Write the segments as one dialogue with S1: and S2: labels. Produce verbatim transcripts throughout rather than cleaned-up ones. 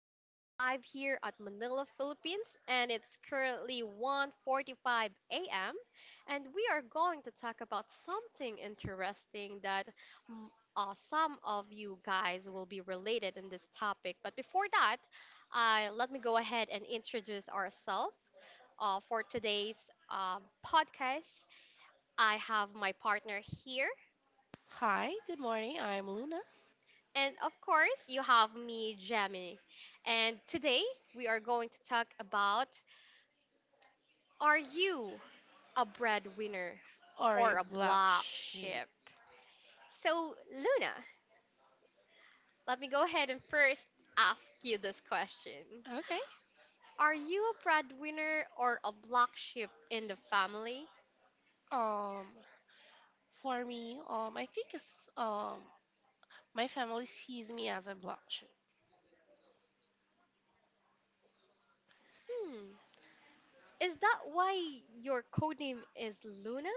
S1: We are live here at Manila, Philippines, and it's currently one forty-five a m. And we are going to talk about something interesting that mm, uh, some of you guys will be related in this topic. But before that, uh, let me go ahead and introduce ourselves uh, for today's um podcast. I have my partner here.
S2: Hi, good morning. I'm Luna
S1: And of course, you have me, Jamie. And today, we are going to talk about. Are you a breadwinner
S2: or a
S1: or a
S2: black
S1: black
S2: sheep.
S1: sheep? So, Luna, let me go ahead and first ask you this question.
S2: Okay.
S1: Are you a breadwinner or a black sheep in the family?
S2: Um, for me, um, I think it's um, my family sees me as a black sheep.
S1: Hmm, is that why your codename is Luna?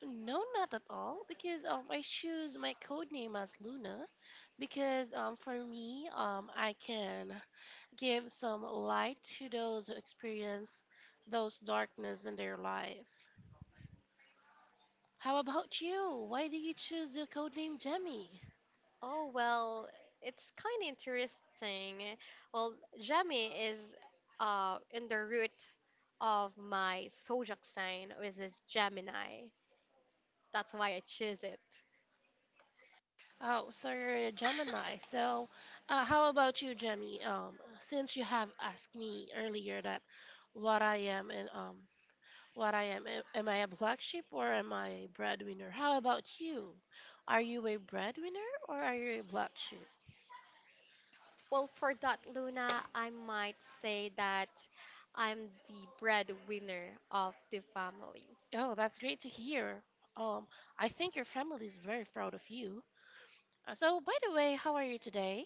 S2: No, not at all, because um, I choose my code name as Luna, because um, for me, um, I can give some light to those who experience those darkness in their life. How about you? Why do you choose the code name Jemmy?
S1: Oh, well, it's kind of interesting. Well, Jamie is uh, in the root of my zodiac sign, which is Gemini. That's why I choose it.
S2: Oh, so you're a Gemini. So, uh, how about you, Jemmy? Um, since you have asked me earlier that what I am and um, what I am, am am I a black sheep or am I a breadwinner? How about you? Are you a breadwinner or are you a black sheep?
S1: Well, for that, Luna, I might say that I'm the breadwinner of the family.
S2: Oh, that's great to hear. Um, I think your family is very proud of you. Uh, So, by the way, how are you today?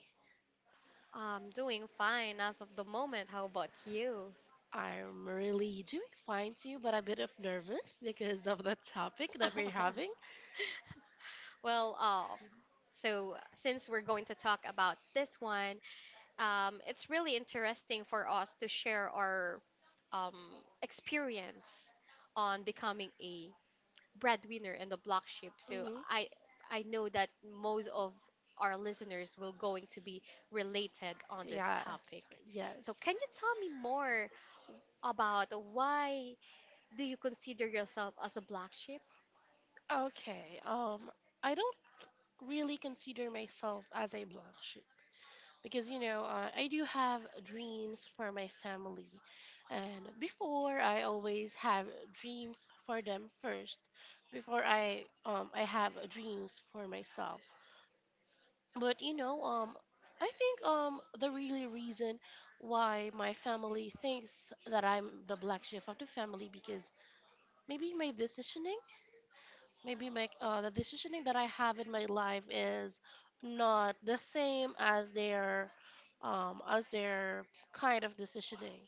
S1: I'm doing fine as of the moment. How about you?
S2: I'm really doing fine too, but a bit of nervous because of the topic that we're having.
S1: Well, um, so since we're going to talk about this one, um, it's really interesting for us to share our um, experience on becoming a breadwinner and the block ship. So
S2: Mhm.
S1: I I know that most of our listeners will going to be related on this topic.
S2: Yes,
S1: So
S2: yes.
S1: can you tell me more about why do you consider yourself as a black sheep?
S2: Okay, um, I don't really consider myself as a blank sheet because, you know, uh, I do have dreams for my family. And before, I always have dreams for them first before I um I have dreams for myself. But you know, um, I think um the really reason why my family thinks that I'm the black sheep of the family because maybe my decisioning, maybe my uh, the decisioning that I have in my life is not the same as their um as their kind of decisioning.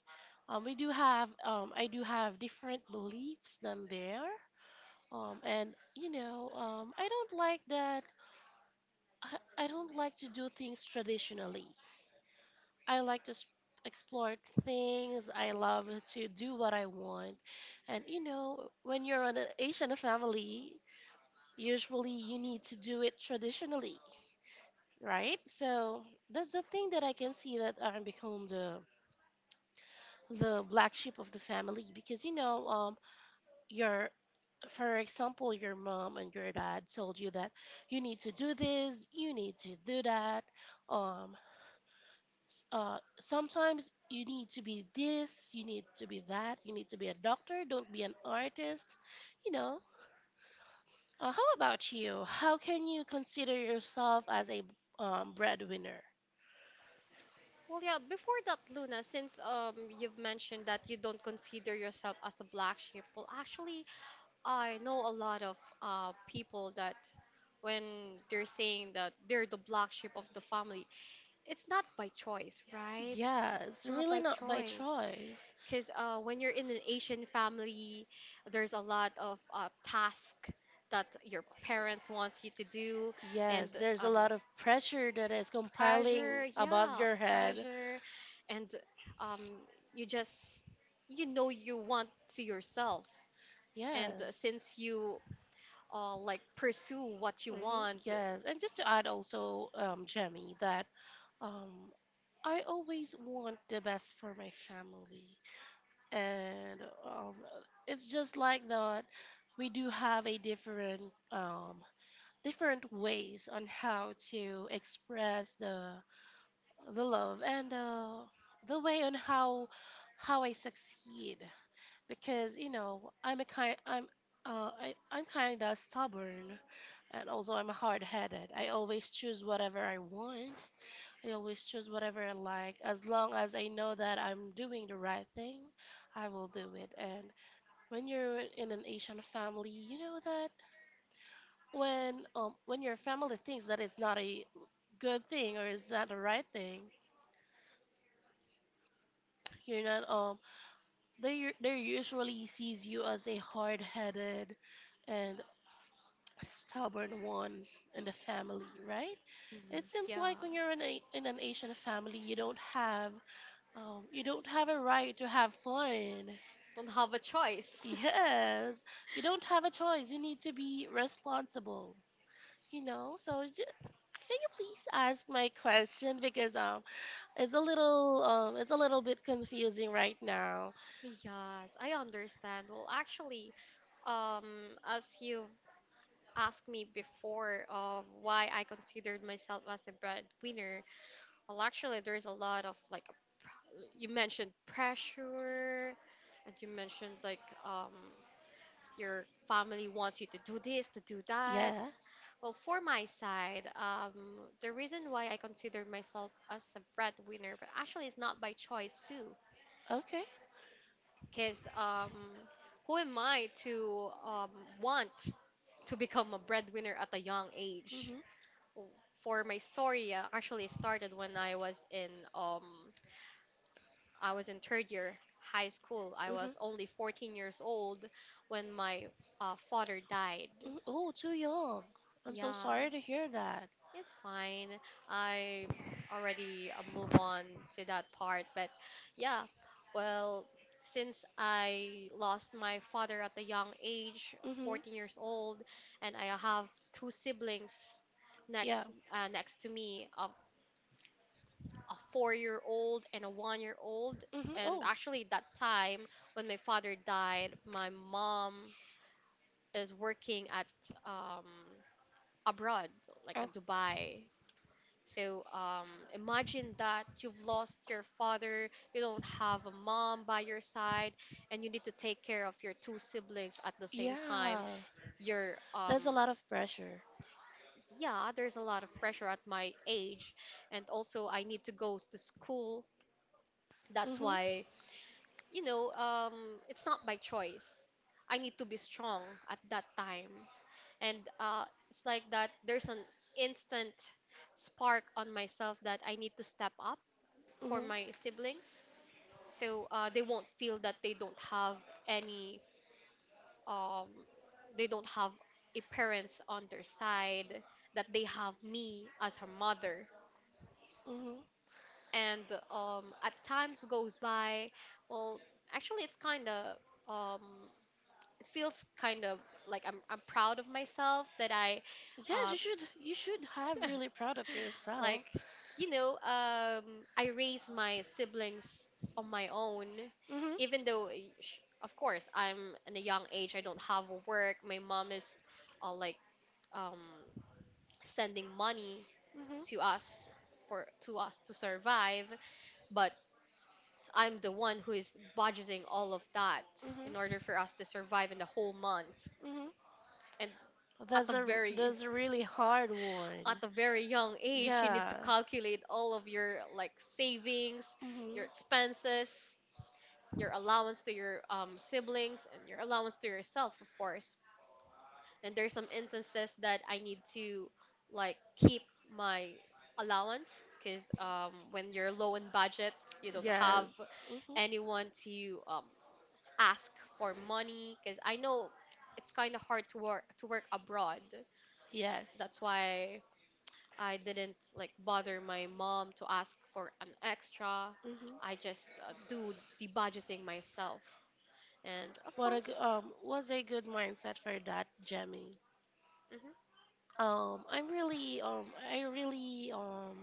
S2: Um, we do have um I do have different beliefs than their um and you know um I don't like that I, I don't like to do things traditionally. I like to s- explore things. I love to do what I want. And you know, when you're on an Asian family, usually you need to do it traditionally, right? So that's the thing that I can see that I become the the black sheep of the family because you know, um, your for example, your mom and your dad told you that you need to do this, you need to do that. Um, s- uh, Sometimes you need to be this, you need to be that, you need to be a doctor, don't be an artist, you know. Uh, how about you? How can you consider yourself as a um, breadwinner?
S1: Well, yeah, before that, Luna, since um you've mentioned that you don't consider yourself as a black sheep, well, actually, I know a lot of uh, people that when they're saying that they're the black sheep of the family, it's not by choice, right?
S2: Yeah, it's
S1: It's not
S2: really
S1: by
S2: not by
S1: choice.
S2: choice.
S1: Because uh, when you're in an Asian family, there's a lot of uh, tasks that your parents wants you to do and
S2: Yes, there's a
S1: um,
S2: lot of pressure that is compiling
S1: pressure,
S2: above
S1: yeah,
S2: your head.
S1: pressure. And um, you just, you know, you want to yourself. And uh,
S2: Yes.
S1: since you uh, like pursue what you
S2: Mhm.
S1: want.
S2: Yes, and just to add also, um, Jemmy, that um, I always want the best for my family. And um, it's just like that. We do have a different um, different ways on how to express the the love and uh, the way on how how I succeed because you know I'm a kind I'm uh, I, I'm kind of stubborn and also I'm hard-headed. I always choose whatever I want. I always choose whatever I like. As long as I know that I'm doing the right thing, I will do it. And when you're in an Asian family, you know that when um, when your family thinks that it's not a good thing or it's not the right thing, you're not um they they usually sees you as a hard-headed and stubborn one in the family, right?
S1: Mhm.
S2: It seems
S1: Yeah,
S2: like when you're in a in an Asian family, you don't have. Oh, you don't have a right to have fun.
S1: don't have a choice.
S2: Yes, you don't have a choice. You need to be responsible. You know, so j- can you please ask my question because um, it's a little um, it's a little bit confusing right now.
S1: Yes, I understand. Well, actually, um, as you've asked me before of why I considered myself as a breadwinner, well, actually, there's a lot of like, pr- you mentioned pressure, and you mentioned like um, your family wants you to do this, to do that.
S2: Yes.
S1: Well, for my side, um, the reason why I consider myself as a breadwinner, but actually it's not by choice too,
S2: Okay.
S1: because um, who am I to um, want to become a breadwinner at a young age?
S2: Mhm.
S1: Well, for my story, uh, actually it started when I was in um, I was in third year high school. I
S2: Mhm.
S1: was only fourteen years old when my uh, father died.
S2: Mhm. Oh, too young. I'm so
S1: Yeah.
S2: sorry to hear that.
S1: It's fine. I already uh, move on to that part, but yeah, well, since I lost my father at a young age,
S2: Mhm.
S1: fourteen years old, and I have two siblings
S2: Yeah.
S1: next uh, next to me, a, a four-year-old and a one-year-old,
S2: Mhm.
S1: and
S2: Oh.
S1: actually that time when my father died, my mom is working at um abroad, like
S2: Oh.
S1: at Dubai so um, imagine that you've lost your father, you don't have a mom by your side, and you need to take care of your two siblings at the same time.
S2: Yeah.
S1: You're, um,
S2: That's a lot of pressure.
S1: yeah, there's a lot of pressure at my age, and also I need to go to school. That's
S2: Mhm.
S1: why, you know, um, it's not by choice. I need to be strong at that time. And uh, it's like that there's an instant spark on myself that I need to step up for
S2: Mhm.
S1: my siblings so uh, they won't feel that they don't have any um, they don't have a parents on their side that they have me as her mother
S2: Hmm.
S1: and um, at times goes by well actually it's kind of um, it feels kind of like I'm, I'm proud of myself that I
S2: Yes,
S1: uh,
S2: you should, you should have really proud of yourself.
S1: like you know um I raised my siblings on my own
S2: Hmm, hmm.
S1: even though eh, sh- of course I'm in a young age I don't have work my mom is uh, like um sending money to us
S2: Hmm,
S1: for to us to survive but I'm the one who is budgeting all of that in order for us to survive in the whole month
S2: hmm.
S1: and at
S2: That's
S1: a
S2: a,
S1: very
S2: that's a really hard
S1: at
S2: one.
S1: a very young age you need to
S2: Yeah.
S1: calculate all of your like savings
S2: Hmm.
S1: your expenses your allowance to your um, siblings and your allowance to yourself of course and there's some instances that I need to like keep my allowance because um, when you're low in budget you don't have
S2: Yes. Hmm.
S1: anyone to um, ask for money because I know it's kind of hard to work to work abroad
S2: Yes.
S1: that's why I didn't like bother my mom to ask for an extra.
S2: Hmm.
S1: I just uh, do the budgeting myself. And of
S2: What a
S1: course,
S2: g- um was a good mindset for that, Jemmy.
S1: hmm,
S2: Um, I'm really, um, I really, um,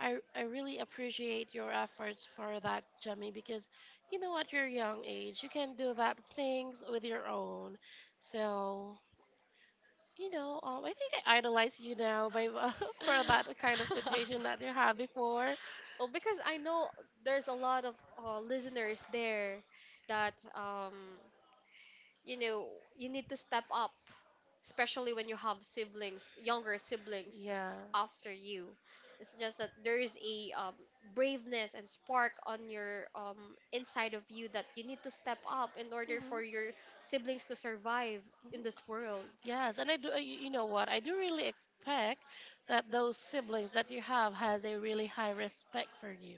S2: I, I really appreciate your efforts for that, Jemmy, because you know, at your young age, you can do that things with your own. So, you know, um, I think I idolize you now by for that kind of situation that you had before.
S1: well, because I know there's a lot of uh, listeners there that um, you know, you need to step up, especially when you have siblings, younger siblings
S2: Yes.
S1: after you. It's just that there is a um, braveness and spark on your um, inside of you that you need to step up in order for your siblings to survive in
S2: Mhm.
S1: this world.
S2: Yes, and I do. uh, You, you know what? I do really expect that those siblings that you have has a really high respect for you.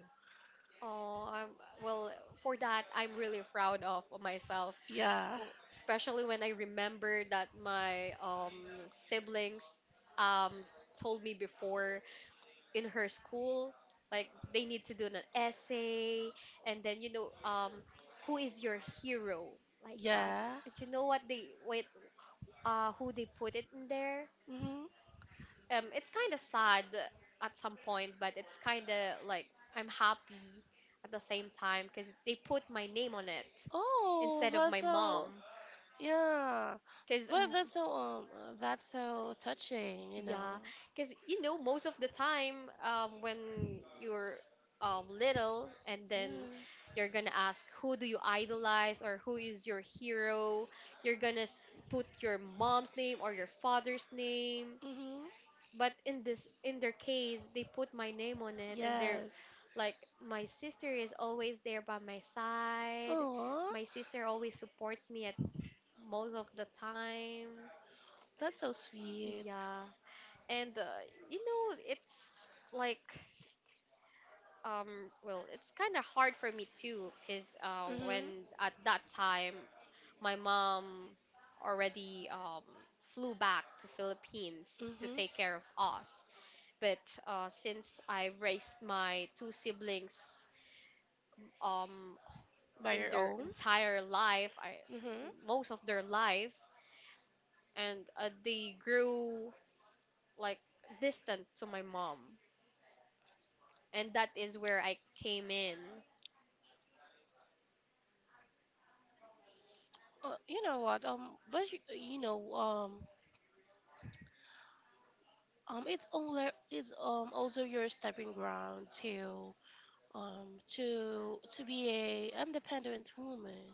S1: Oh, I'm, well, for that, I'm really proud of myself.
S2: Yeah,
S1: Oh, especially when I remember that my um, siblings um, told me before in her school like they need to do an essay and then you know um who is your hero like that
S2: yeah.
S1: and you know what they wait uh who they put it in there
S2: Mm-hmm.
S1: um it's kind of sad at some point but it's kind of like I'm happy at the same time because they put my name on it
S2: Oh,
S1: instead of my
S2: that's
S1: mom
S2: so. Yeah,
S1: because
S2: but that's so um, uh, that's so touching. You
S1: yeah,
S2: know.
S1: because you know, most of the time, um, when you're um, little and then
S2: Yes.
S1: you're gonna ask, who do you idolize or who is your hero? You're gonna s- put your mom's name or your father's name.
S2: Mm-hmm.
S1: But in this, in their case, they put my name on it, and they're
S2: Yes.
S1: like, my sister is always there by my side.
S2: Aww.
S1: My sister always supports me at most of the time.
S2: That's so sweet.
S1: Yeah. And uh, you know, it's like um well, it's kind of hard for me too because uh when
S2: Mhm.
S1: at that time my mom already um flew back to Philippines to
S2: Mhm.
S1: take care of us. But uh since I raised my two siblings um
S2: By
S1: in
S2: your
S1: their
S2: own.
S1: entire life, I
S2: Mhm.
S1: most of their life and uh, they grew like distant to my mom and that is where I came in.
S2: Uh, you know what? Um, but you, you know, um, um, it's only it's um also your stepping ground to um to to be a independent woman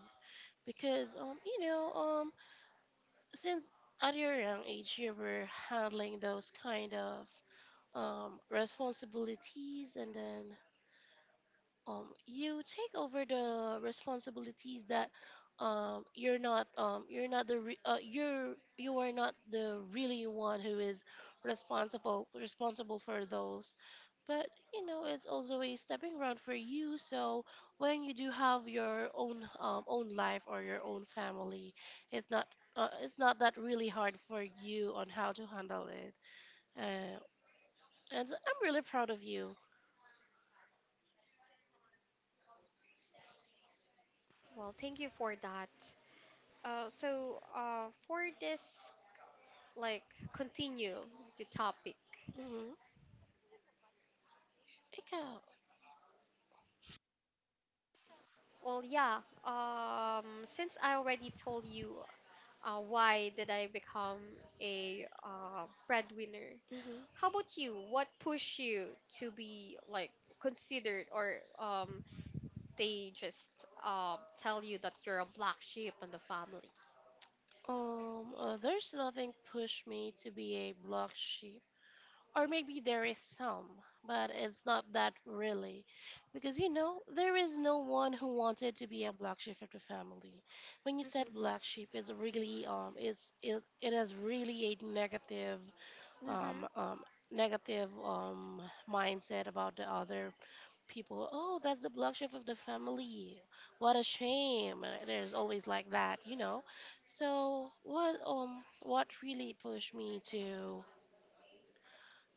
S2: because um you know um since at your young age you were handling those kind of um, responsibilities, and then um, you take over the responsibilities that um, you're not um, you're not the re- uh, you're, you are not the really one who is responsible responsible for those, but you know it's also a stepping ground for you, so when you do have your own um, own life or your own family, it's not uh, it's not that really hard for you on how to handle it, uh, and I'm really proud of you.
S1: Well, thank you for that. Uh, so uh, for this, like, continue the topic.
S2: Mm-hmm. Ika.
S1: Well, yeah. Um, since I already told you uh, why did I become a uh, breadwinner, how
S2: Mm-hmm.
S1: about you? What pushed you to be like considered, or um, they just uh, tell you that you're a black sheep in the family?
S2: Um, uh, there's nothing push me to be a block sheep. Or maybe there is some, but it's not that really. Because you know, there is no one who wanted to be a black sheep of the family. When you said black
S1: Mm-hmm.
S2: sheep, it's really um it's it, it is really a negative um um negative um mindset about the other people, oh, that's the black sheep of the family. What a shame. And there's always like that, you know. So what um what really pushed me to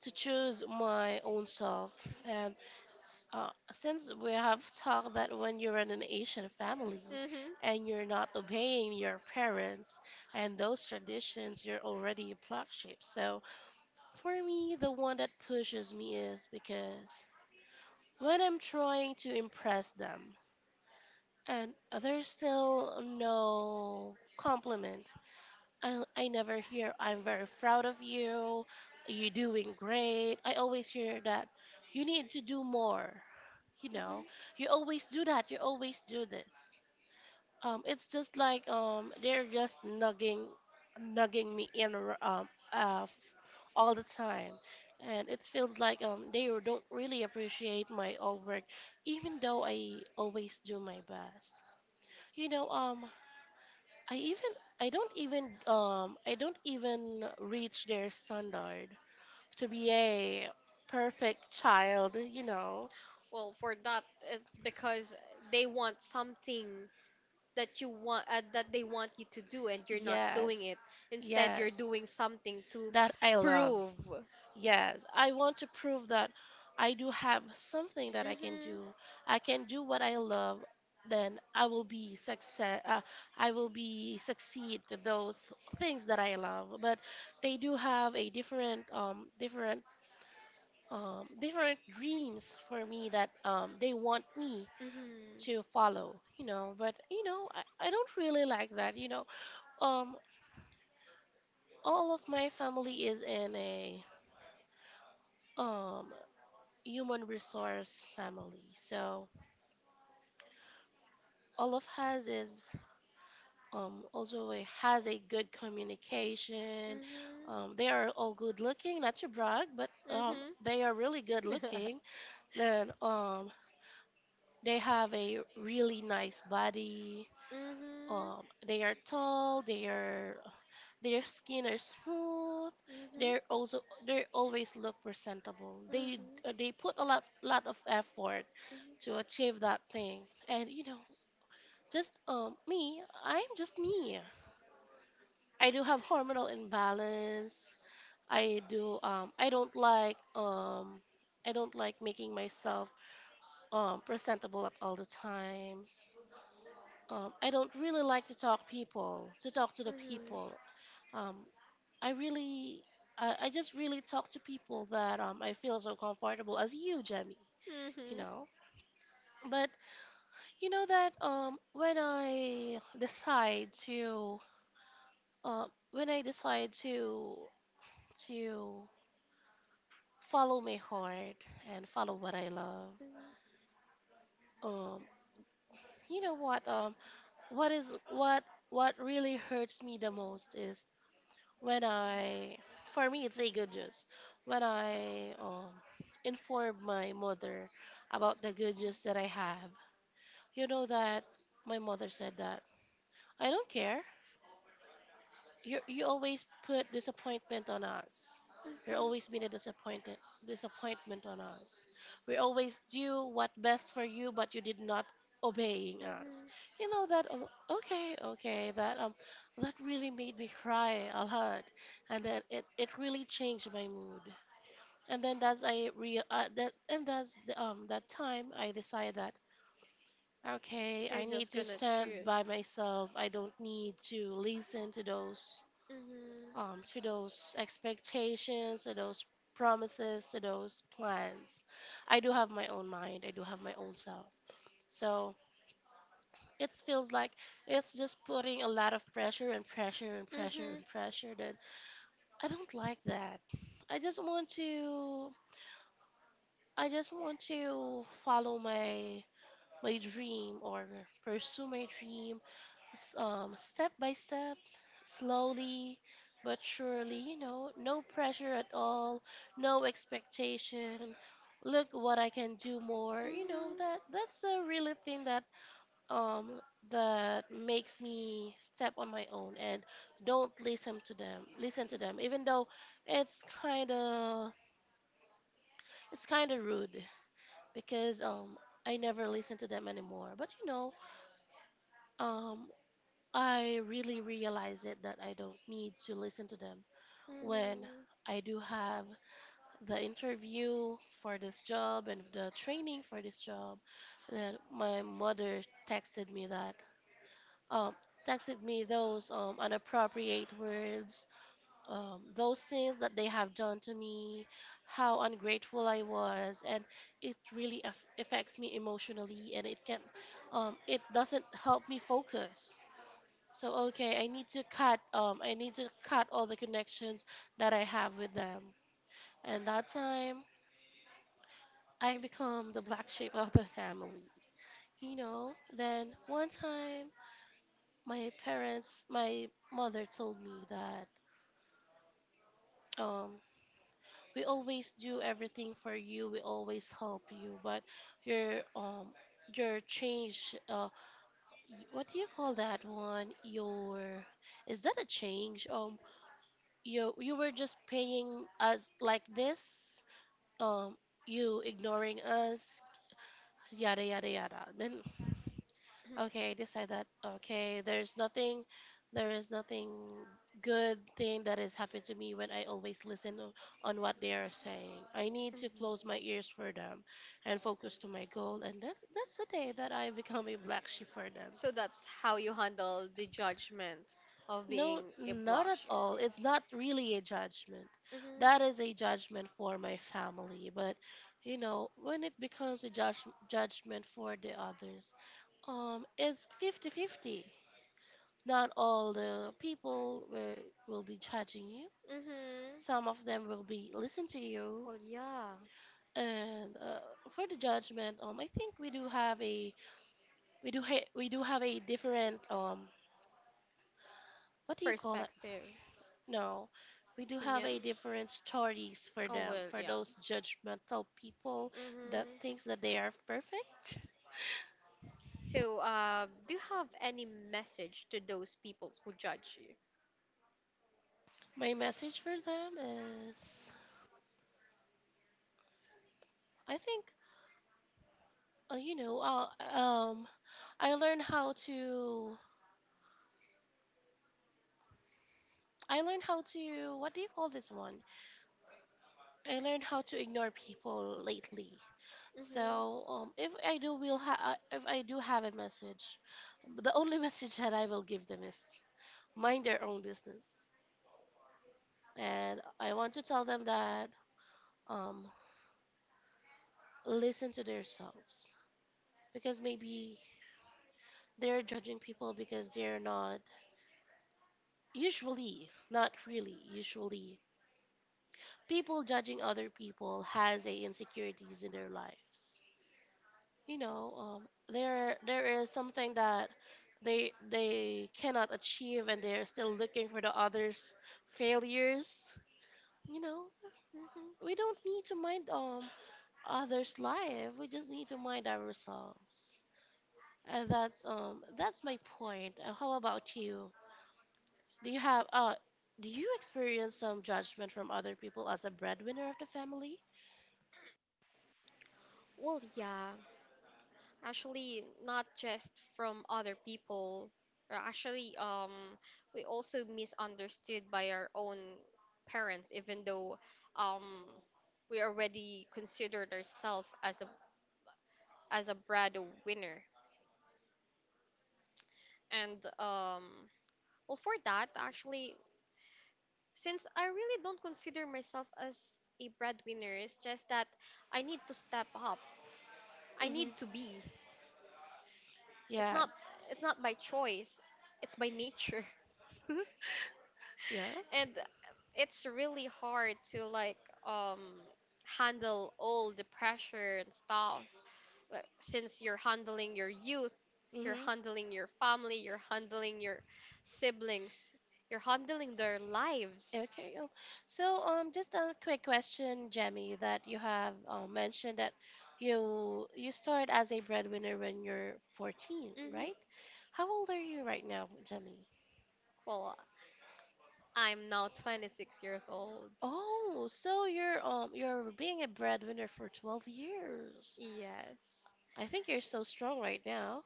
S2: to choose my own self, and s- uh, since we have talked that when you're in an Asian family
S1: Mm-hmm.
S2: and you're not obeying your parents and those traditions, you're already a black sheep. So for me, the one that pushes me is because when I'm trying to impress them, and others still no compliment. I, I never hear, I'm very proud of you, you're doing great. I always hear that you need to do more. You know,
S1: Mm-hmm.
S2: you always do that, you always do this. Um, it's just like um, they're just nugging, nugging me in r- um, uh, f- all the time. And it feels like um, they don't really appreciate my old work, even though I always do my best. You know, um, I even I don't even um I don't even reach their standard to be a perfect child, you know.
S1: Well, for that, it's because they want something that you want uh, that they want you to do, and you're not doing
S2: Yes.
S1: it. Instead, you're
S2: Yes.
S1: doing something to
S2: That I love.
S1: prove.
S2: Yes. I want to prove that I do have something that I can
S1: Mhm.
S2: do. I can do what I love, then I will be success uh, I will be succeed to those things that I love. But they do have a different um different um, different dreams for me that um, they want me
S1: Mhm.
S2: to
S1: Mhm.
S2: follow, you know. But you know, I, I don't really like that, you know. Um, all of my family is in a um human resource family, so all of us is um also a, has a good communication. Um, they are all good looking, not to brag, but um,
S1: Mhm.
S2: they are really good
S1: Mhm.
S2: looking. Then um, they have a really nice body. Um, they are tall, their their skin are smooth.
S1: Mhm.
S2: They're also they always look presentable. They they put a lot lot of effort to achieve that thing. And you know, just um me, I'm just me. I do have hormonal imbalance. I do um I don't like um I don't like making myself um presentable at all the times. Um, I don't really like to talk people to talk to the people. Um, I really, I, I just really talk to people that um, I feel so comfortable as you, Jemmy,
S1: Mhm.
S2: you
S1: Mhm.
S2: know. But you know that um, when I decide to, uh, when I decide to to follow my heart and follow what I love,
S1: Mhm.
S2: um, you know what, um, what is what what really hurts me the most is when I, for me, it's a good news. When I um, informed my mother about the good news that I have, you know that my mother said that I don't care. You you always put disappointment on us. You're always been a disappointment disappointment on us. We always do what best for you, but you did not obeying us.
S1: Mhm.
S2: You know that um, okay, okay, that um that really made me cry a lot, and then it it really changed my mood. And then that's I real uh, that and that's the, um that time I decide that okay,
S1: You're
S2: I need
S1: just
S2: to
S1: gonna
S2: stand
S1: choose.
S2: by myself. I don't need to listen to those
S1: Mhm.
S2: um, to those expectations, to those promises, to those plans. I do have my own mind, I do have my own self. So it feels like it's just putting a lot of pressure and pressure and pressure
S1: Mhm.
S2: and pressure that I don't like that. I just want to I just want to follow my my dream or pursue my dream s- um, step by step, slowly but surely, you know, no pressure at all, no expectation. Look what I can do more. You know,
S1: Mhm.
S2: that that's a really thing that um that makes me step on my own and don't listen to them. Listen to them even though it's kind of it's kind of rude because um I never listen to them anymore. But you know, um I really realize it that I don't need to listen to them when I do have the interview for this job and the training for this job. Then my mother texted me that um texted me those um inappropriate words, um those things that they have done to me, how ungrateful I was, and it really aff affects me emotionally and it can um it doesn't help me focus. So okay, I need to cut um I need to cut all the connections that I have with them. And that time I become the black sheep of the family. You know, then one time my parents my mother told me that um we always do everything for you, we always help you, but your um your change uh what do you call that one? Your is that a change? Um you you were just paying us like this, um you ignoring us, yada yada yada then
S1: Mhm.
S2: okay, I decide that okay, there's nothing, there is nothing good thing that has happened to me when I always listen o- on what they are saying. I need to
S1: Mhm.
S2: close my ears for them and focus to my goal, and that, that's the day that I become a black sheep for them.
S1: So that's how you handle the judgment of
S2: No,
S1: being a
S2: not
S1: block
S2: at
S1: ship.
S2: all. It's not really a judgment. That
S1: Mhm.
S2: is a judgment for my family. But, you know, when it becomes a judge judgment for the others, um, it's fifty-fifty. Not all the people will, will be judging you.
S1: Mhm.
S2: Some of them will be listen to you.
S1: Well, yeah.
S2: And uh, for the judgment, um, I think we do have a we do ha we do have a different um, what do you call that?
S1: Perspective,
S2: No, we do have
S1: opinion.
S2: a different stories for
S1: Oh
S2: them,
S1: well,
S2: for
S1: yeah.
S2: those judgmental people
S1: Mm-hmm.
S2: that thinks that they are perfect.
S1: So, uh, do you have any message to those people who judge you?
S2: My message for them is, I think, uh, you know, uh, um, I learned how to, I learned how to, what do you call this one? I learned how to ignore people lately. So, um, if I do will ha- uh, if I do have a message,
S1: Mm-hmm.
S2: the only message that I will give them is mind their own business. And I want to tell them that um, listen to themselves because maybe they're judging people because they're not usually, not really, usually people judging other people has a insecurities in their lives. You know, um, there there is something that they they cannot achieve and they're still looking for the others' failures. You know,
S1: Mm-hmm.
S2: we don't need to mind um others' life. We just need to mind ourselves. And that's um that's my point. Uh, How about you? Do you have uh do you experience some judgment from other people as a breadwinner of the family?
S1: Well, yeah. Actually, not just from other people. Uh, Actually, um, we also misunderstood by our own parents, even though um, we already considered ourselves as a as a Brado winner. And um, Well, for that, actually, since I really don't consider myself as a breadwinner, it's just that I need to step up. I
S2: Mm-hmm.
S1: need to be. It's not
S2: Yes.
S1: it's not by choice. It's by nature.
S2: Yeah.
S1: And it's really hard to like um handle all the pressure and stuff like, since you're handling your youth, you're
S2: Mm-hmm.
S1: handling your family, you're handling your siblings, you're handling their lives.
S2: Okay. um, So, um, just a quick question, Jemmy, that you have uh, mentioned that you you started as a breadwinner when you're fourteen,
S1: Mhm.
S2: right? How old are you right now, Jemmy?
S1: Well, I'm now twenty-six years old.
S2: Oh, so you're um you're being a breadwinner for twelve years.
S1: Yes.
S2: I think you're so strong right now.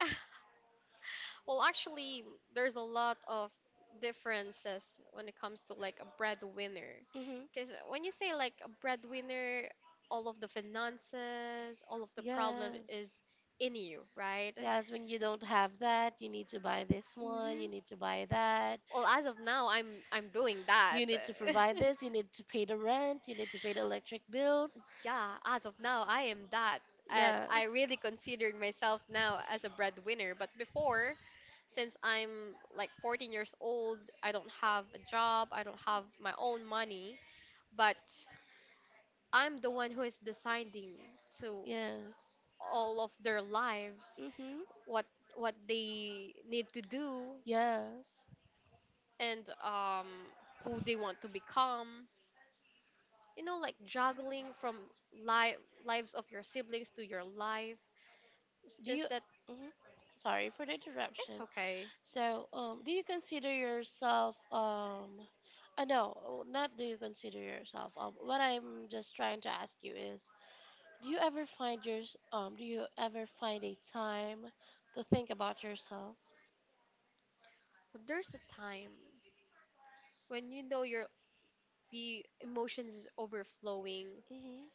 S1: Well, actually, there's a lot of differences when it comes to like a breadwinner.
S2: Mm-hmm.
S1: Because when you say like a breadwinner, all of the finances, all of the problem
S2: Yes.
S1: is in you, right?
S2: Yes, when you don't have that, you need to buy this one,
S1: Hmm.
S2: you need to buy that,
S1: Well, as of now, I'm I'm doing that.
S2: you need to provide this, you need to pay the rent, you need to pay the electric bills.
S1: Yeah, as of now, I am that. And
S2: Yeah.
S1: I really considered myself now as a breadwinner. But before, since I'm like fourteen years old, I don't have a job, I don't have my own money. But I'm the one who is deciding to
S2: Yes.
S1: all of their lives
S2: Mm-hmm.
S1: what what they need to do
S2: Yes.
S1: and um, who they want to become. You know, like juggling from li- lives of your siblings to your life. It's
S2: Do you
S1: just that
S2: hmm Sorry for the interruption.
S1: it's okay.
S2: So, um, do you consider yourself um uh, no, not do you consider yourself um what I'm just trying to ask you is Do you ever find your um do you ever find a time to think about yourself?
S1: But there's a time when you know your the emotions is overflowing.
S2: Mhm.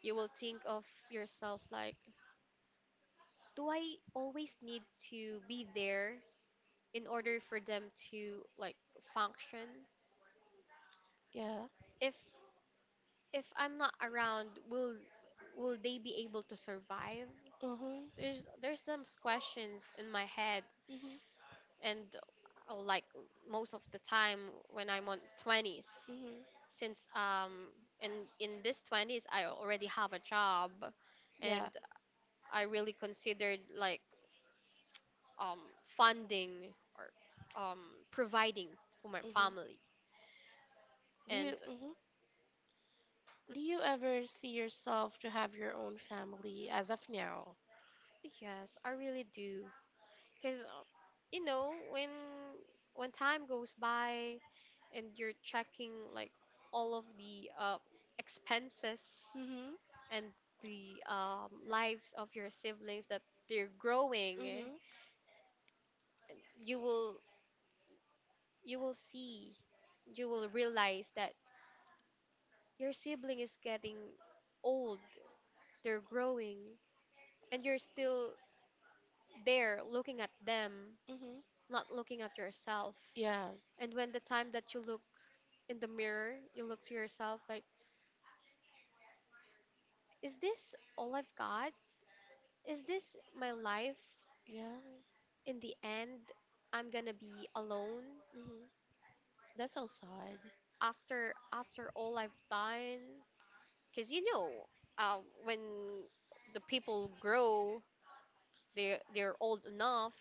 S1: You will think of yourself like, do I always need to be there in order for them to like function?
S2: Yeah.
S1: If if I'm not around, will will they be able to survive?
S2: Mhm.
S1: There's there's some questions in my head
S2: Mhm.
S1: and uh, like most of the time when I'm on twenties
S2: Mhm.
S1: since um in in this twenties I already have a job, and
S2: Yeah.
S1: I really considered like um funding or um providing for my
S2: Mhm.
S1: family.
S2: Do you
S1: And
S2: mhm.
S1: uh,
S2: Do you ever see yourself to have your own family as of now?
S1: yes, I really do, because uh, you know, when when time goes by and you're checking like all of the uh expenses
S2: Mhm.
S1: and the um, lives of your siblings, that they're growing,
S2: Mhm.
S1: you will you will see, you will realize that your sibling is getting old, they're growing, and you're still there looking at them,
S2: Mhm.
S1: not looking at yourself.
S2: Yes.
S1: And when the time that you look in the mirror, you look to yourself like, is this all I've got? Is this my life?
S2: Yeah.
S1: In the end, I'm gonna be alone
S2: Mhm. That's so sad.
S1: after after all I've done. Because, you know, um, when the people grow, they they're old enough,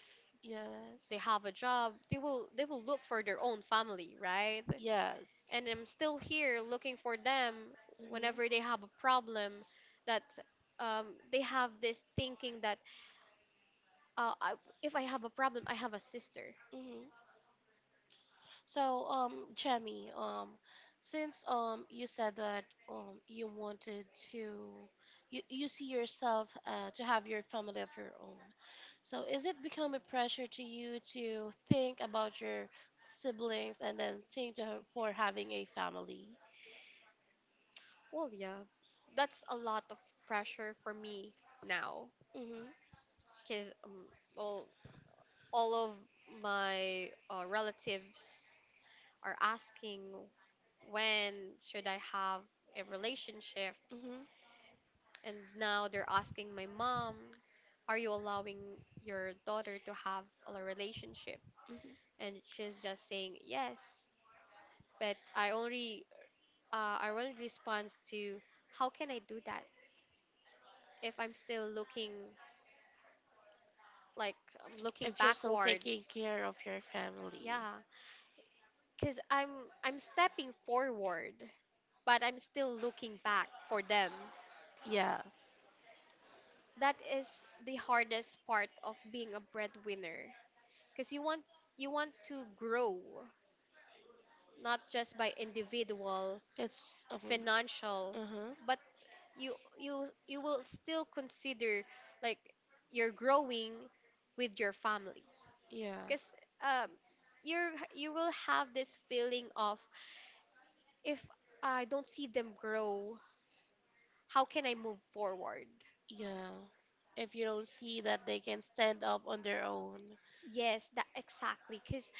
S1: they
S2: Yes.
S1: have a job, they will they will look for their own family, right?
S2: Yes.
S1: And I'm still here looking for them
S2: Mhm.
S1: whenever they have a problem. That, um, they have this thinking that, uh, I, if I have a problem, I have a sister.
S2: Mhm. So, um, Jamie, um, since um you said that um you wanted to you, you see yourself uh, to have your family of your own. So, is it become a pressure to you to think about your siblings and then think to, ha- for having a family?
S1: Well, yeah, that's a lot of pressure for me now.
S2: Mm-hmm,
S1: Because um, well, all of my uh, relatives are asking, when should I have a relationship?
S2: mm-hmm,
S1: And now they're asking my mom, are you allowing your daughter to have a relationship?
S2: mm-hmm.
S1: And she's just saying yes. But I only uh, I only responds to, how can I do that if I'm still looking like I'm looking
S2: If you're still taking
S1: backwards?
S2: care of your family.
S1: Yeah, because I'm I'm stepping forward, but I'm still looking back for them.
S2: Yeah,
S1: That is the hardest part of being a breadwinner, because you want you want to grow not just by individual
S2: it's um,
S1: financial,
S2: uh-huh,
S1: but you you you will still consider, like, you're growing with your family.
S2: yeah.
S1: Because um you're you will have this feeling of, if I don't see them grow, how can I move forward?
S2: Yeah. If you don't see that they can stand up on their own.
S1: Yes, that exactly, because.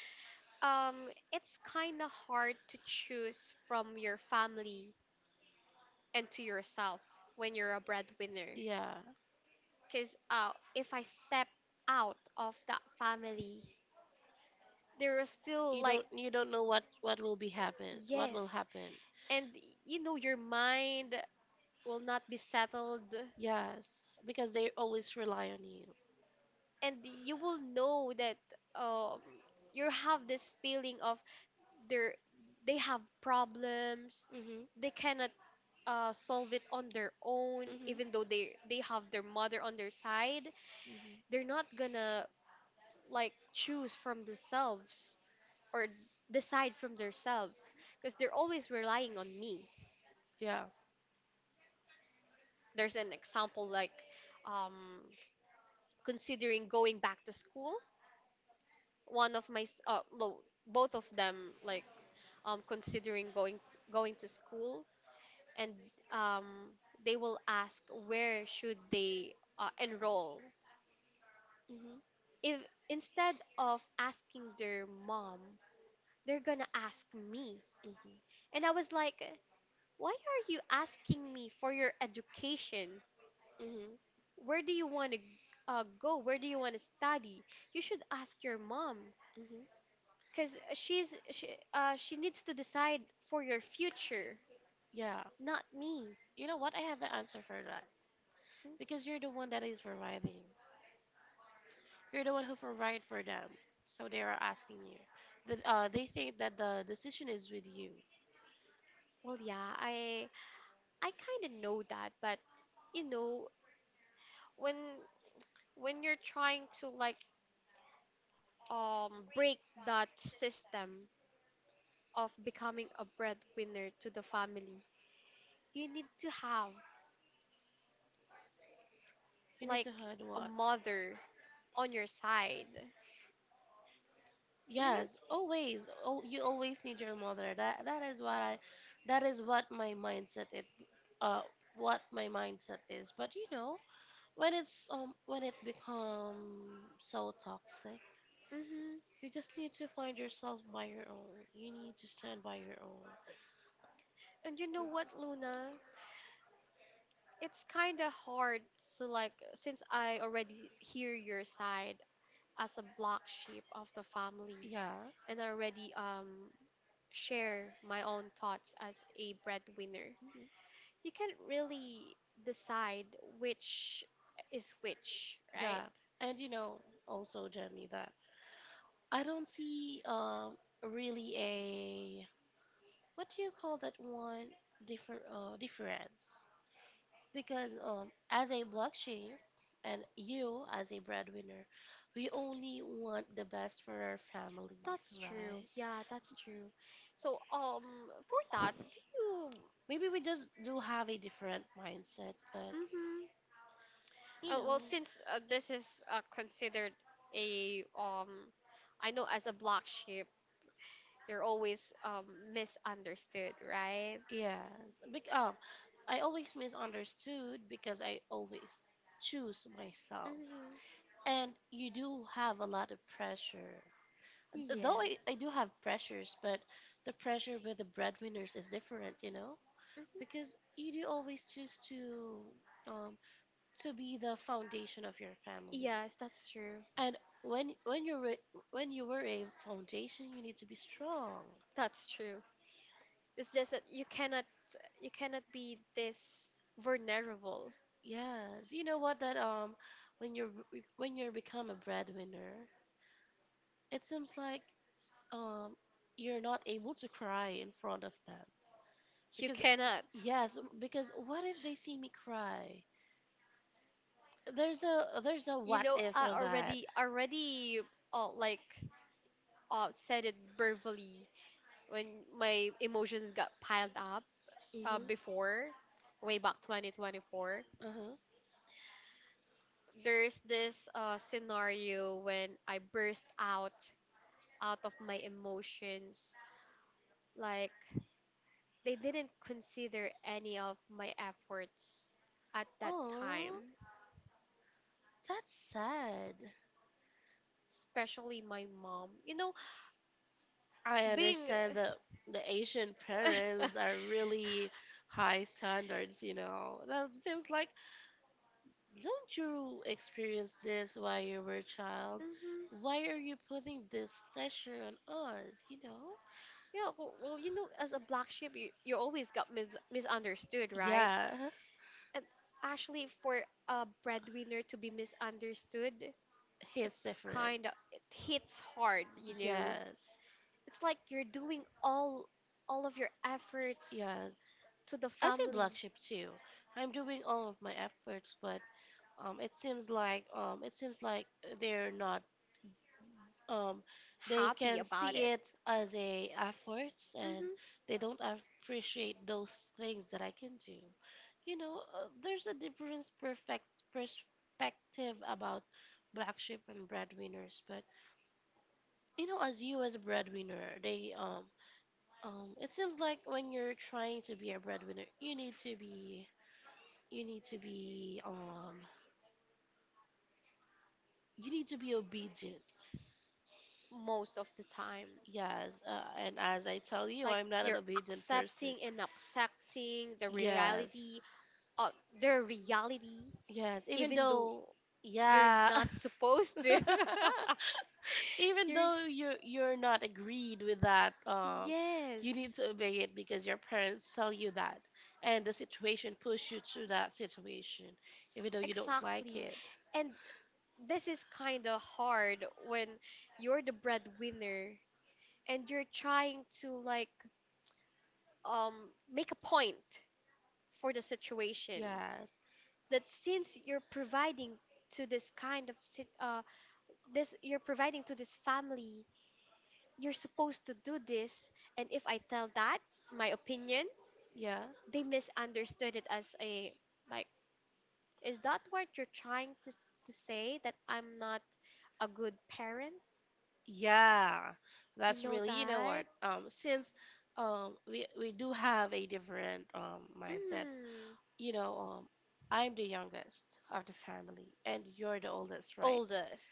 S1: Um, it's kind of hard to choose from your family and to yourself when you're a breadwinner.
S2: Yeah.
S1: Because uh, if I step out of that family, there are still
S2: You
S1: like,
S2: don't you don't know what what will be happen. What will
S1: yes.
S2: happen.
S1: And you know, your mind will not be settled.
S2: Yes, because they always rely on you.
S1: And you will know that, um, you have this feeling of there, they have problems,
S2: Mhm.
S1: they cannot uh, solve it on their own,
S2: Mhm.
S1: even though they they have their mother on their side.
S2: Mhm.
S1: They're not gonna like choose from themselves or decide from themselves, because they're always relying on me.
S2: Yeah.
S1: There's an example like, um, considering going back to school. One of my s- uh, lo- Both of them like, um, considering going going to school, and um, they will ask, where should they uh, enroll?
S2: Mhm.
S1: If instead of asking their mom, they're gonna ask me.
S2: Mhm.
S1: And I was like, why are you asking me for your education?
S2: Mhm.
S1: Where do you want to uh, go? Where do you want to study? You should ask your mom,
S2: Mhm.
S1: because she's she, uh, she needs to decide for your future,
S2: Yeah.
S1: not me.
S2: You know what? I have an answer for that.
S1: Hmm?
S2: Because you're the one that is providing. You're the one who provided for them, so they are asking you. That uh, they think that the decision is with you.
S1: Well, yeah, I I kind of know that, but you know, when when you're trying to like um break that system of becoming a breadwinner to the family, you need to have
S2: You need
S1: like
S2: to hide
S1: a
S2: what?
S1: mother on your side. You know,
S2: Yes,
S1: it's
S2: always. Oh, you always need your mother. That that is what I, that is what my mindset it uh what my mindset is. But you know when it's um when it become so toxic,
S1: mm-hmm.
S2: you just need to find yourself by your own. You need to stand by your own.
S1: And you know what, Luna? It's kind of hard to, like, since I already hear your side as a black sheep of the family,
S2: Yeah,
S1: and I already um share my own thoughts as a breadwinner,
S2: mhm.
S1: you can't really decide which is which, right?
S2: Yeah. And you know also Jamie that I don't see um really a what do you call that one differ uh, difference because um as a black sheep and you as a breadwinner, we only want the best for our families,
S1: That's true.
S2: right?
S1: Yeah, that's true. So, um, for that, do you?
S2: Maybe we just do have a different mindset, but
S1: Mm-hmm.
S2: you
S1: Oh
S2: know,
S1: well, since uh, this is uh, considered a um, I know, as a black sheep, you're always um misunderstood, right?
S2: yes. Bec um, I always misunderstood because I always choose myself,
S1: Mm-hmm.
S2: and you do have a lot of pressure. Th- Though I,
S1: Yes.
S2: I do have pressures, but the pressure with the breadwinners is different, you know?
S1: Mm-hmm.
S2: Because you do always choose to um to be the foundation of your family.
S1: Yes, that's true.
S2: And when when you're a- when you were a foundation, you need to be strong.
S1: That's true. It's just that you cannot you cannot be this vulnerable.
S2: Yes, you know what that um when you're when you become a breadwinner, it seems like um you're not able to cry in front of them
S1: You
S2: because
S1: cannot.
S2: yes, because what if they see me cry? There's a there's a
S1: You
S2: what
S1: know,
S2: if
S1: I
S2: on that.
S1: already already uh, like uh, said it verbally when my emotions got piled up uh,
S2: Mhm.
S1: before, way back twenty twenty-four.
S2: Uh huh.
S1: There's this uh, scenario when I burst out out of my emotions, like, they didn't consider any of my efforts at that
S2: Oh,
S1: time,
S2: that's sad.
S1: especially my mom. You know,
S2: I
S1: being
S2: understand that the Asian parents are really high standards. You know, that seems like don't you experience this while you were a child?
S1: Mhm.
S2: Why are you putting this pressure on us? You know.
S1: Yeah, well, well, you know, as a black sheep, you, you always got mis misunderstood, right?
S2: Yeah,
S1: And actually, for a breadwinner to be misunderstood,
S2: it's different.
S1: kind of it hits hard, you know.
S2: Yes,
S1: It's like you're doing all all of your efforts
S2: yes.
S1: to the
S2: As a
S1: family,
S2: black sheep too, I'm doing all of my efforts, but um, it seems like um, it seems like they're not um, they
S1: happy
S2: can
S1: about
S2: see it
S1: it.
S2: as a efforts and
S1: Hmm.
S2: they don't appreciate those things that I can do. You know, uh, there's a different perfect perspective about black sheep and breadwinners, but you know, as you as a breadwinner, they um um, it seems like when you're trying to be a breadwinner, you need to be you need to be um you need to be obedient.
S1: Most of the time.
S2: Yes, uh, and as I tell
S1: It's
S2: you,
S1: like
S2: I'm not an
S1: you're
S2: obedient person.
S1: accepting and accepting the
S2: Yes,
S1: reality of their reality,
S2: yes, even
S1: even though
S2: though,
S1: you're
S2: yeah,
S1: not supposed to.
S2: even
S1: You're
S2: though you're you're not agreed with that, um you need
S1: yes.
S2: to obey it because your parents tell you that and the situation push you to that situation even though you don't like
S1: Exactly.
S2: it.
S1: And this is kind of hard when you're the breadwinner and you're trying to like um make a point for the situation,
S2: Yes,
S1: that since you're providing to this kind of sit- uh this, you're providing to this family, you're supposed to do this. And if I tell that my opinion,
S2: yeah.
S1: they misunderstood it as a like, is that what you're trying to to say that I'm not a good parent?
S2: Yeah,
S1: You
S2: that's
S1: know
S2: really, you know
S1: that?
S2: what? Um, since um we we do have a different um mindset,
S1: Mm.
S2: you know, um I'm the youngest of the family and you're the oldest, right?
S1: Oldest,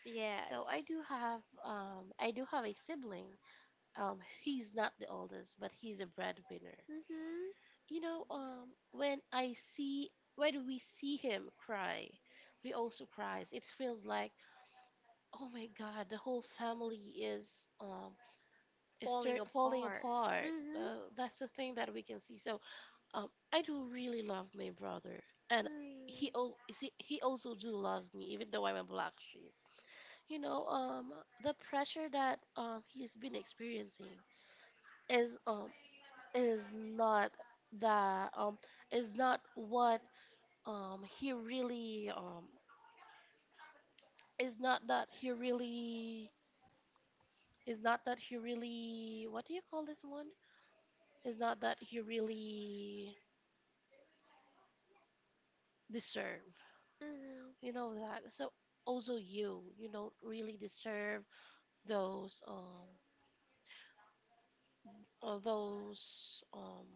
S2: So I
S1: yes.
S2: do have um I do have a sibling. Um, he's not the oldest, but he's a breadwinner.
S1: Mm-hmm.
S2: You know, um when I see when we see him cry, we also cries. It feels like, oh my God, the whole family is um it's
S1: Falling
S2: start falling
S1: apart.
S2: apart.
S1: Mm-hmm.
S2: Uh, that's the thing that we can see. So um, I do really love my brother, and he al- you see, he also do love me, even though I'm a black sheep. You know, um, the pressure that um he's been experiencing is um is not that um is not what um he really um is not that he really is not that he really what do you call this one is not that he really deserve,
S1: Mm-hmm.
S2: you know that. So also you, you don't really deserve those um or those um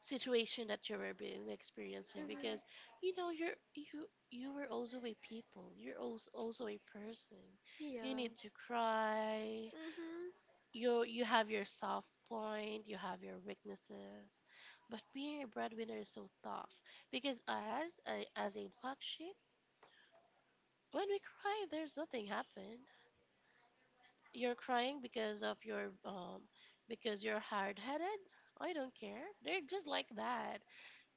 S2: situation that you were being experiencing because
S1: Mhm.
S2: you know you're you you were also a people. You're also also a person.
S1: Yeah.
S2: You need to cry.
S1: Mhm.
S2: You you have your soft point. You have your weaknesses. But being a breadwinner is so tough because as a, as a black sheep, when we cry, there's nothing happen. You're crying because of your um because you're hard-headed? I don't care. They're just like that.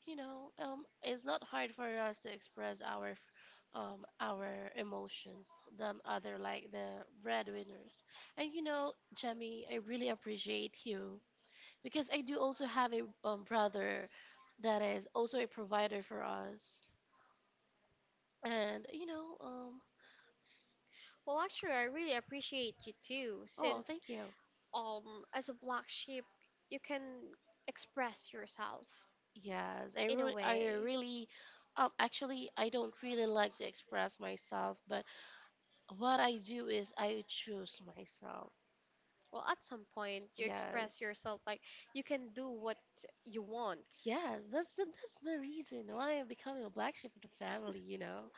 S2: You know, um it's not hard for us to express our f- um our emotions than other like the breadwinners. And you know, Jemmy, I really appreciate you because I do also have a um, brother that is also a provider for us. And you know, um
S1: Well, actually, I really appreciate you too,
S2: Oh,
S1: since
S2: thank you.
S1: um, as a black sheep, you can express yourself
S2: Yes, I
S1: in a
S2: re I
S1: way.
S2: really, um, actually, I don't really like to express myself, but what I do is I choose myself.
S1: Well, at some point, you express
S2: Yes,
S1: yourself like you can do what you want.
S2: yes, that's the that's the reason why I'm becoming a black sheep of the family, you know.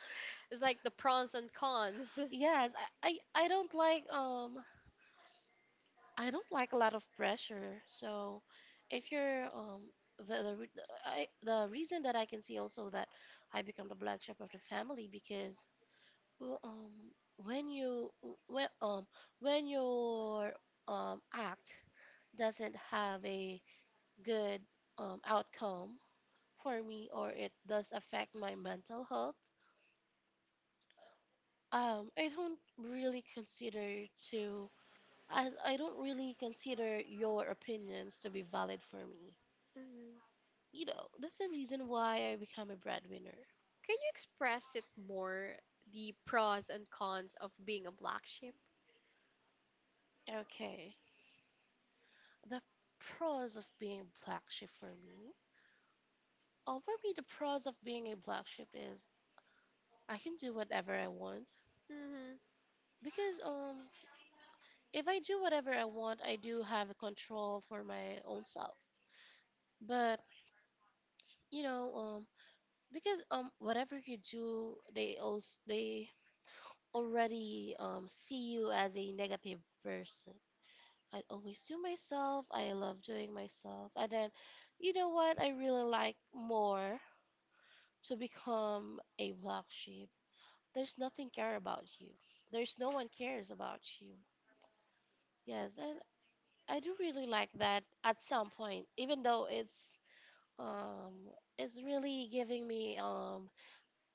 S1: It's like the pros and cons.
S2: Yes, I, I I don't like um I don't like a lot of pressure. So, if you're um the the re- I the reason that I can see also that I become the black sheep of the family because Well, um, when you when um when your um act doesn't have a good um outcome for me or it does affect my mental health, um, I don't really consider to as I don't really consider your opinions to be valid for me.
S1: Mhm.
S2: You know, that's the reason why I become a breadwinner.
S1: Can you express it more, the pros and cons of being a black sheep?
S2: Okay. The pros of being black sheep for me Uh, for me, the pros of being a black sheep is I can do whatever I want
S1: Hmm.
S2: because um, if I do whatever I want, I do have a control for my own self. But you know, um, because um, whatever you do, they also they already um, see you as a negative person. I always do myself. I love doing myself, and then you know what? I really like more to become a black sheep. There's nothing care about you. There's no one cares about you. Yes, and I do really like that at some point, even though it's um it's really giving me um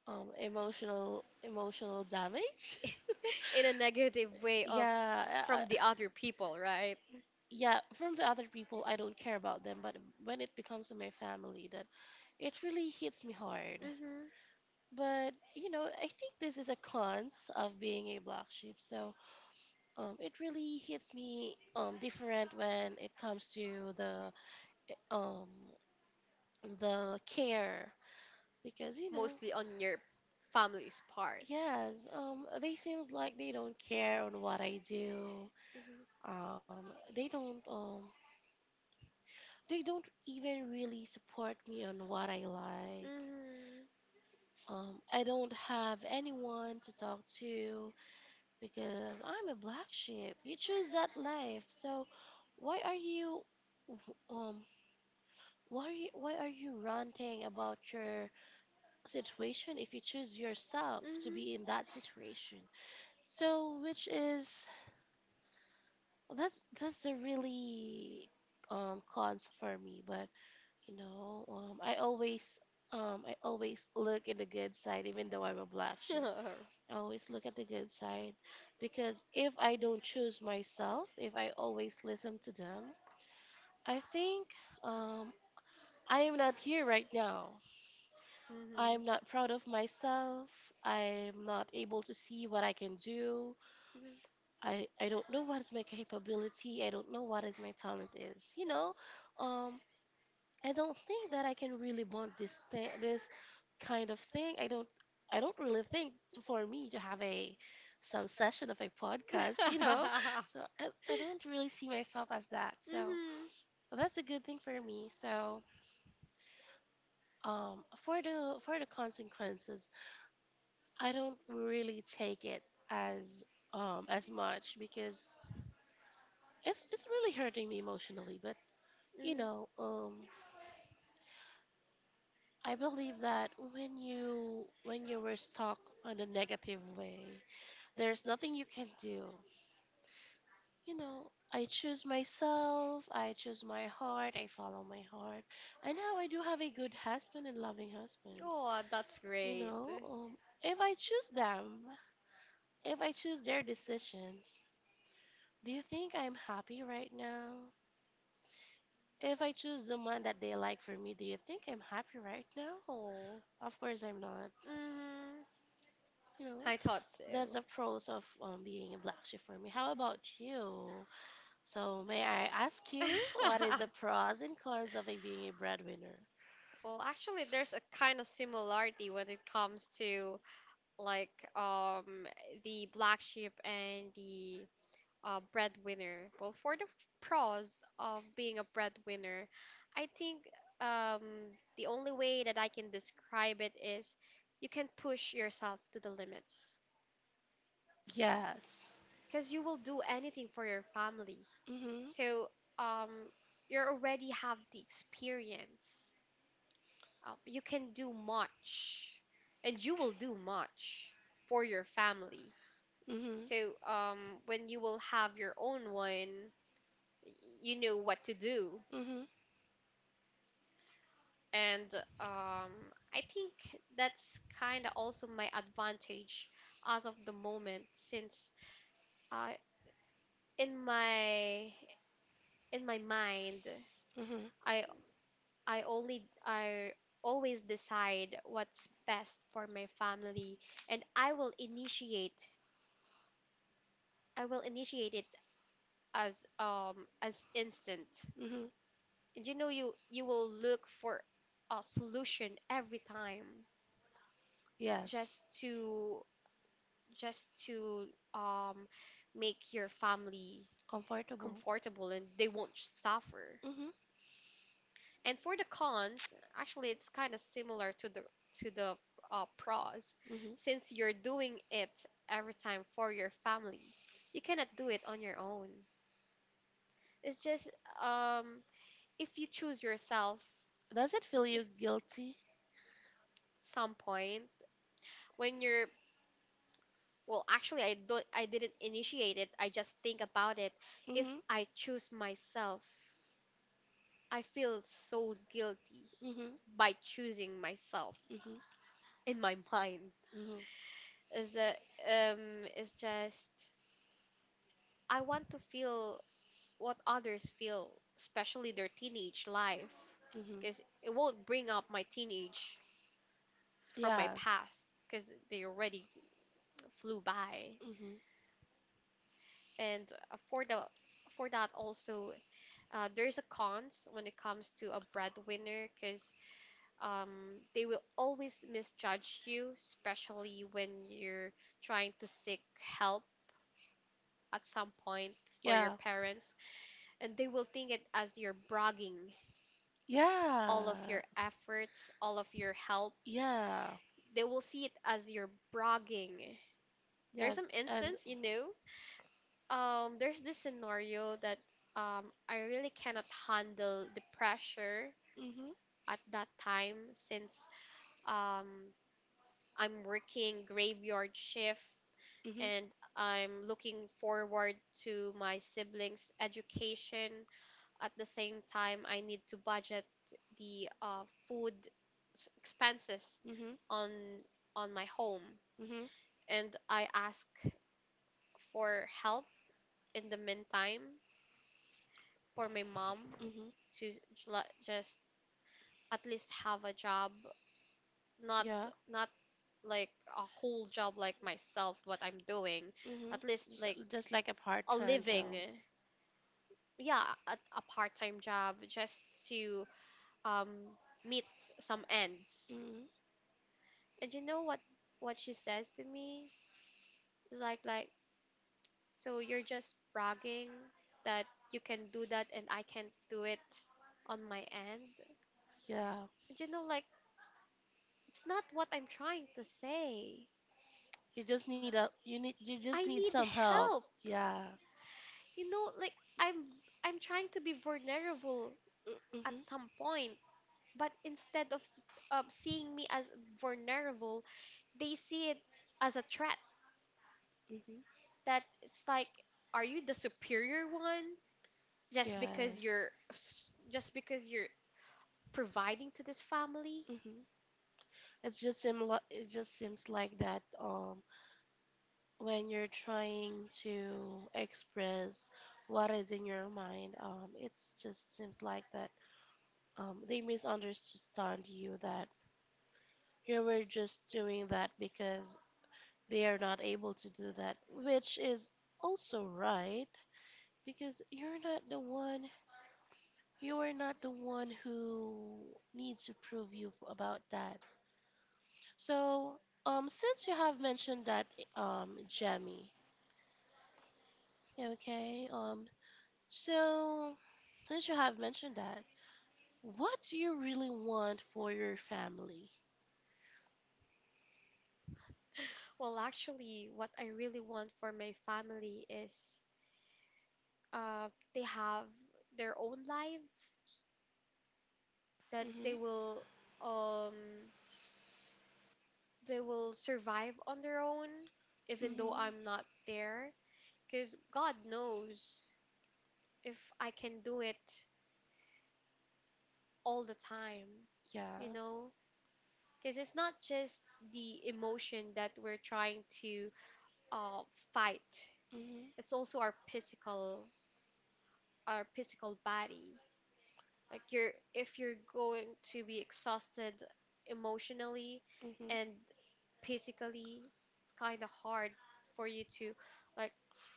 S2: um emotional emotional damage.
S1: In a negative way of
S2: Yeah, I, I-
S1: from the other people, right?
S2: yeah, from the other people I don't care about them, but when it becomes to my family that it really hits me hard.
S1: Hmm.
S2: But, you know, I think this is a cons of being a black sheep. So um, it really hits me um, different when it comes to the um, the care because you know
S1: Mostly on your family's part.
S2: yes, um, they seem like they don't care on what I do,
S1: Mm-hmm.
S2: um, they don't um, they don't even really support me on what I like,
S1: Mm-hmm.
S2: um, I don't have anyone to talk to because I'm a black sheep. You choose that life so why are you um Why, are you- why are you ranting about your situation if you choose yourself to be in that situation? So, which is that's that's a really um cons for me, but you know, um, I always um I always look at the good side, even though I'm a black
S1: Hmm.
S2: sheep. I always look at the good side because if I don't choose myself, if I always listen to them, I think um I am not here right now. I'm not proud of myself. I'm not able to see what I can do. I, I don't know what is my capability. I don't know what is my talent is. You know, um, I don't think that I can really bond this thing, this kind of thing. I don't I don't really think for me to have a some session of a
S1: Mhm.
S2: podcast. You know, so I, I don't really see myself as that. So
S1: Mhm.
S2: that's a good thing for me. So um, for the for the consequences I don't really take it as um as much because it's it's really hurting me emotionally, but you
S1: Mhm.
S2: know, um I believe that when you when you were stuck on a negative way, there's nothing you can do. You know, I choose myself, I choose my heart, I follow my heart. And now I do have a good husband and loving husband.
S1: Oh, that's
S2: You
S1: great.
S2: know, um if I choose them, if I choose their decisions, do you think I'm happy right now? If I choose the one that they like for me, do you think I'm happy right now?
S1: Oh.
S2: Of course I'm not.
S1: Mhm.
S2: You know,
S1: I thought
S2: that's
S1: so.
S2: the pros of um, being a black sheep for me. How about you? So may I ask you what is the pros and cons of a being a breadwinner?
S1: Well, actually, there's a kind of similarity when it comes to like, um the black sheep and the uh, breadwinner. Well, for the f- pros of being a breadwinner, I think um, the only way that I can describe it is you can push yourself to the limits,
S2: Yes.
S1: because you will do anything for your family.
S2: Mhm.
S1: So, um, you already have the experience. Um, you can do much, and you will do much for your family.
S2: Mhm.
S1: So um, when you will have your own one, y- you know what to do.
S2: Mhm.
S1: And um, I think that's kind of also my advantage as of the moment, since uh, in my in my mind,
S2: Mhm.
S1: I I only I always decide what's best for my family, and I will initiate I will initiate it as um as instant.
S2: Mhm.
S1: And you know, you you will look for a solution every time
S2: Yes.
S1: just to just to um, make your family
S2: Comfortable.
S1: comfortable, and they won't suffer.
S2: Mhm.
S1: And for the cons, actually, it's kind of similar to the to the uh, pros,
S2: Mhm.
S1: since you're doing it every time for your family. You cannot do it on your own. It's just, um, if you choose yourself
S2: Does it feel you guilty?
S1: some point when you're, well actually I don't I didn't initiate it, I just think about it. If
S2: Mhm.
S1: I choose myself, I feel so guilty
S2: Mhm.
S1: by choosing myself
S2: Mhm.
S1: in my mind.
S2: Mhm.
S1: Is a um it's just I want to feel what others feel, especially their teenage life,
S2: Mhm.
S1: because it won't bring up my teenage from my
S2: Yes.
S1: past, because they already flew by.
S2: Mm-hmm.
S1: And uh, for the for that also, uh, there's a cons when it comes to a breadwinner, because um, they will always misjudge you, especially when you're trying to seek help at some point for your
S2: Yeah.
S1: parents, and they will think it as you're bragging all of
S2: Yeah.
S1: your efforts, all of your help.
S2: Yeah.
S1: They will see it as you're bragging. There's
S2: Yes.
S1: some
S2: And mm-hmm.
S1: instance, you know, um, there's this scenario that um, I really cannot handle the pressure
S2: Mm-hmm.
S1: at that time, since um, I'm working graveyard shift, and I'm looking forward to my siblings' education. At the same time, I need to budget the uh, food s- expenses
S2: Mm-hmm.
S1: on on my home,
S2: Mm-hmm.
S1: and I ask for help in the meantime for my mom
S2: Mm-hmm.
S1: to j- la- just at least have a job, not
S2: Yeah.
S1: not like a whole job like myself what I'm doing,
S2: Mm-hmm.
S1: at least
S2: Just,
S1: like
S2: just like a
S1: a
S2: part-time
S1: living.
S2: job.
S1: Yeah, a, a part-time job just to um meet some ends.
S2: Mm-hmm.
S1: And you know what what she says to me. It's like like so you're just bragging that you can do that and I can't do it on my end.
S2: Yeah.
S1: And you know, like, it's not what I'm trying to say.
S2: You just need a, you need, you
S1: I
S2: just need
S1: need
S2: some help.
S1: help,
S2: Yeah.
S1: you know, like, i'm i'm trying to be vulnerable at
S2: Mm-hmm.
S1: some point, but instead of um, seeing me as vulnerable, they see it as a threat.
S2: Mm-hmm.
S1: That it's like are you the superior one just because you're
S2: Yes.
S1: s- just because you're providing to this family?
S2: Mhm. It's just sim it just seems like that um when you're trying to express what is in your mind, um it's just seems like that um they misunderstand you that you were just doing that because they are not able to do that, which is also right because you're not the one you are not the one who needs to prove you f- about that. So um since you have mentioned that um Jamie. Okay, um, so since you have mentioned that, what do you really want for your family?
S1: Well, actually, what I really want for my family is uh they have their own life, that they
S2: Mm-hmm.
S1: will um they will survive on their own even though
S2: Mm-hmm.
S1: I'm not there. Because God knows if I can do it all the time, you
S2: Yeah.
S1: know? Because it's not just the emotion that we're trying to uh, fight, it's also our
S2: Mm-hmm.
S1: physical our physical body. Like you're if you're going to be exhausted emotionally
S2: Mm-hmm.
S1: and physically, it's kind of hard for you to, like,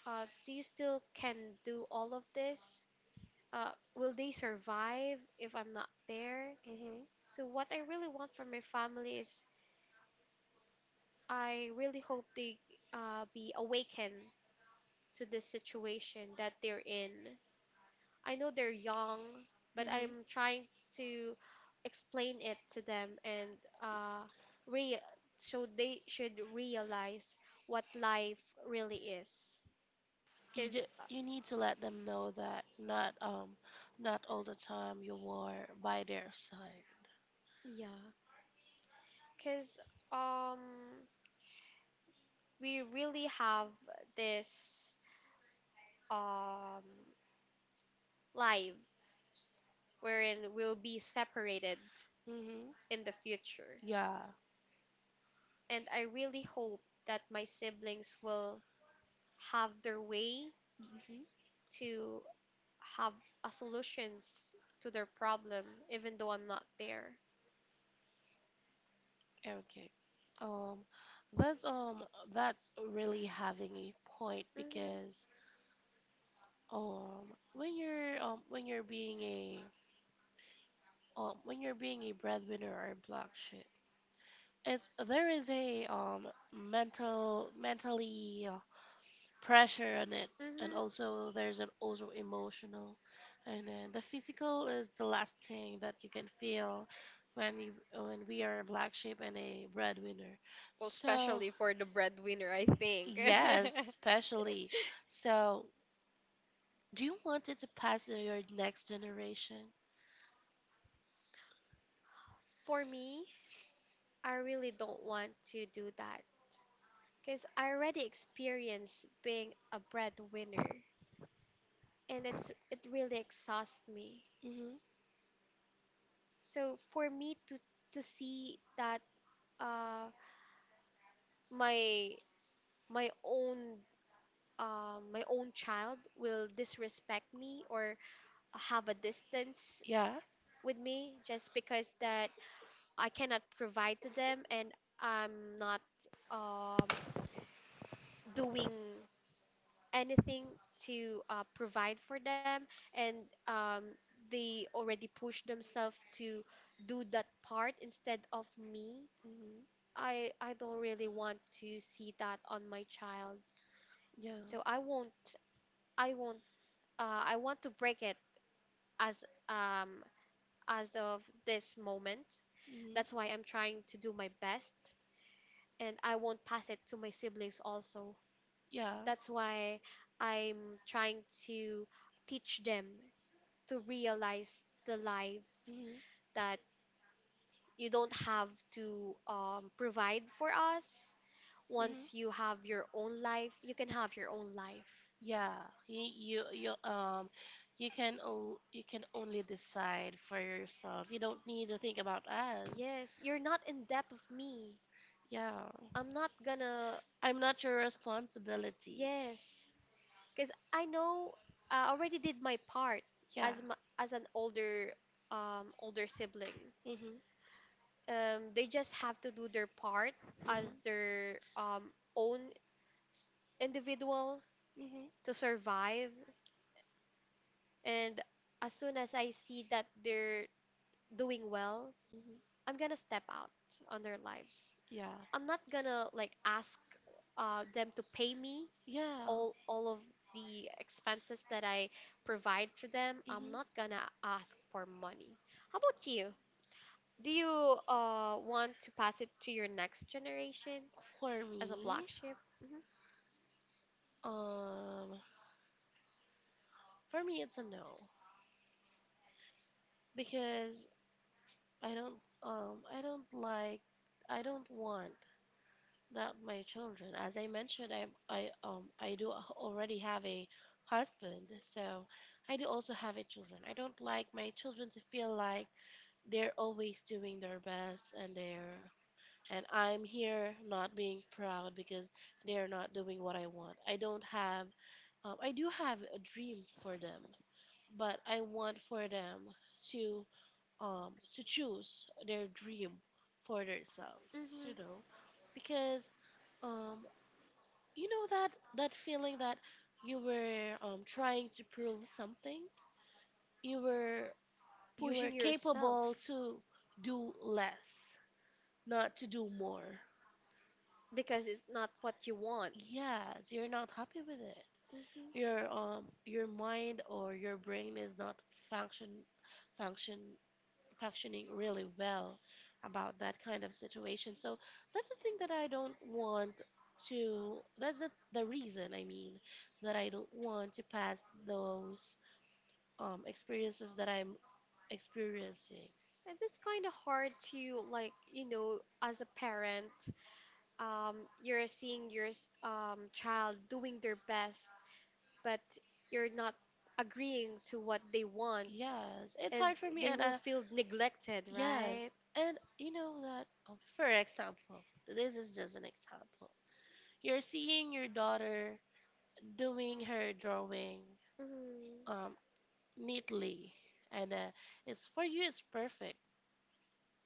S1: uh, do you still can do all of this? Uh, will they survive if I'm not there?
S2: Mm-hmm.
S1: So what I really want from my family is I really hope they uh, be awakened to this situation that they're in. I know they're young, but
S2: Mm-hmm.
S1: I'm trying to explain it to them and uh, re so they should realize what life really is.
S2: You
S1: Because,
S2: d you need to let them know that not um not all the time you were by their side.
S1: yeah, because um, we really have this, um, life wherein we'll be separated
S2: Mm-hmm.
S1: in the future.
S2: Yeah.
S1: And I really hope that my siblings will have their way
S2: Mm-hmm.
S1: to have a solutions to their problem, even though I'm not there.
S2: Okay. Um, that's um, that's really having a point
S1: hmm
S2: because um, when you're um, when you're being a um, when you're being a breadwinner or a black sheep, it's there is a um mental mentally pressure on it and
S1: hmm
S2: also there's an also emotional and then the physical is the last thing that you can feel when we when we are a black sheep and a breadwinner,
S1: Well,
S2: so
S1: especially for the breadwinner, I think.
S2: yes especially. So do you want it to pass to your next generation?
S1: For me, I really don't want to do that because I already experienced being a breadwinner and it's it really exhausts me.
S2: Hmm.
S1: So for me to to see that uh my my own, um my own child will disrespect me or have a distance
S2: Yeah.
S1: with me just because that I cannot provide to them and I'm not um doing anything to uh, provide for them, and um they already push themselves to do that part instead of me.
S2: Hmm.
S1: I I don't really want to see that on my child.
S2: Yeah.
S1: So I
S2: Hmm.
S1: won't I won't uh, I want to break it as, um as of this moment. That's why I'm trying to do my best, and I won't pass it to my siblings also.
S2: Yeah.
S1: That's why I'm trying to teach them to realize the life
S2: Hmm.
S1: that you don't have to, um, provide for us. Once you have your own life, you
S2: Hmm.
S1: can have your own life.
S2: Yeah, you you, you um you can o- you can only decide for yourself. You don't need to think about us.
S1: Yes, you're not in debt of me.
S2: Yeah.
S1: I'm not gonna.
S2: I'm not your responsibility.
S1: Yes, because I know I already did my part
S2: Yeah.
S1: as m as an older, um older sibling.
S2: Mhm.
S1: Um, they just have to do their part
S2: Mhm.
S1: as their um own individual
S2: Mhm.
S1: to survive. And as soon as I see that they're doing well,
S2: Mhm.
S1: I'm gonna step out on their lives.
S2: Yeah.
S1: I'm not gonna like ask uh, them to pay me
S2: Yeah.
S1: all all of the expenses that I provide to them. I'm
S2: Mhm.
S1: not gonna ask for money. How about you? Do you uh want to pass it to your next generation
S2: For
S1: as a black
S2: me,
S1: sheep? hmm
S2: um for me it's a no, because I don't um I don't like I don't want that my children, as I mentioned, I I um I do a- already have a husband, so I do also have a children. I don't like my children to feel like they're always doing their best and they're and I'm here not being proud because they're not doing what I want. I don't have um, I do have a dream for them, but I want for them to um, to choose their dream for themselves, you
S1: hmm
S2: know, because um, you know that that feeling that you were um, trying to prove something, you were you were
S1: Pushing yourself
S2: capable to do less, not to do more.
S1: because it's not what you want.
S2: Yes, you're not happy with it. Your
S1: Mhm.
S2: um your mind or your brain is not function function functioning really well about that kind of situation. So that's the thing that I don't want to that's the, the reason I mean that I don't want to pass those um, experiences that I'm experiencing.
S1: It's kind of hard to, like, you know, as a parent, um, you're seeing your s- um, child doing their best, but you're not agreeing to what they want,
S2: Yes, it's
S1: and
S2: hard for me
S1: they
S2: and
S1: will
S2: I.
S1: feel neglected, right?
S2: Yes, and you know that, um, for example, this is just an example. You're seeing your daughter doing her drawing,
S1: Mm-hmm.
S2: um, neatly and uh, it's for you it's perfect.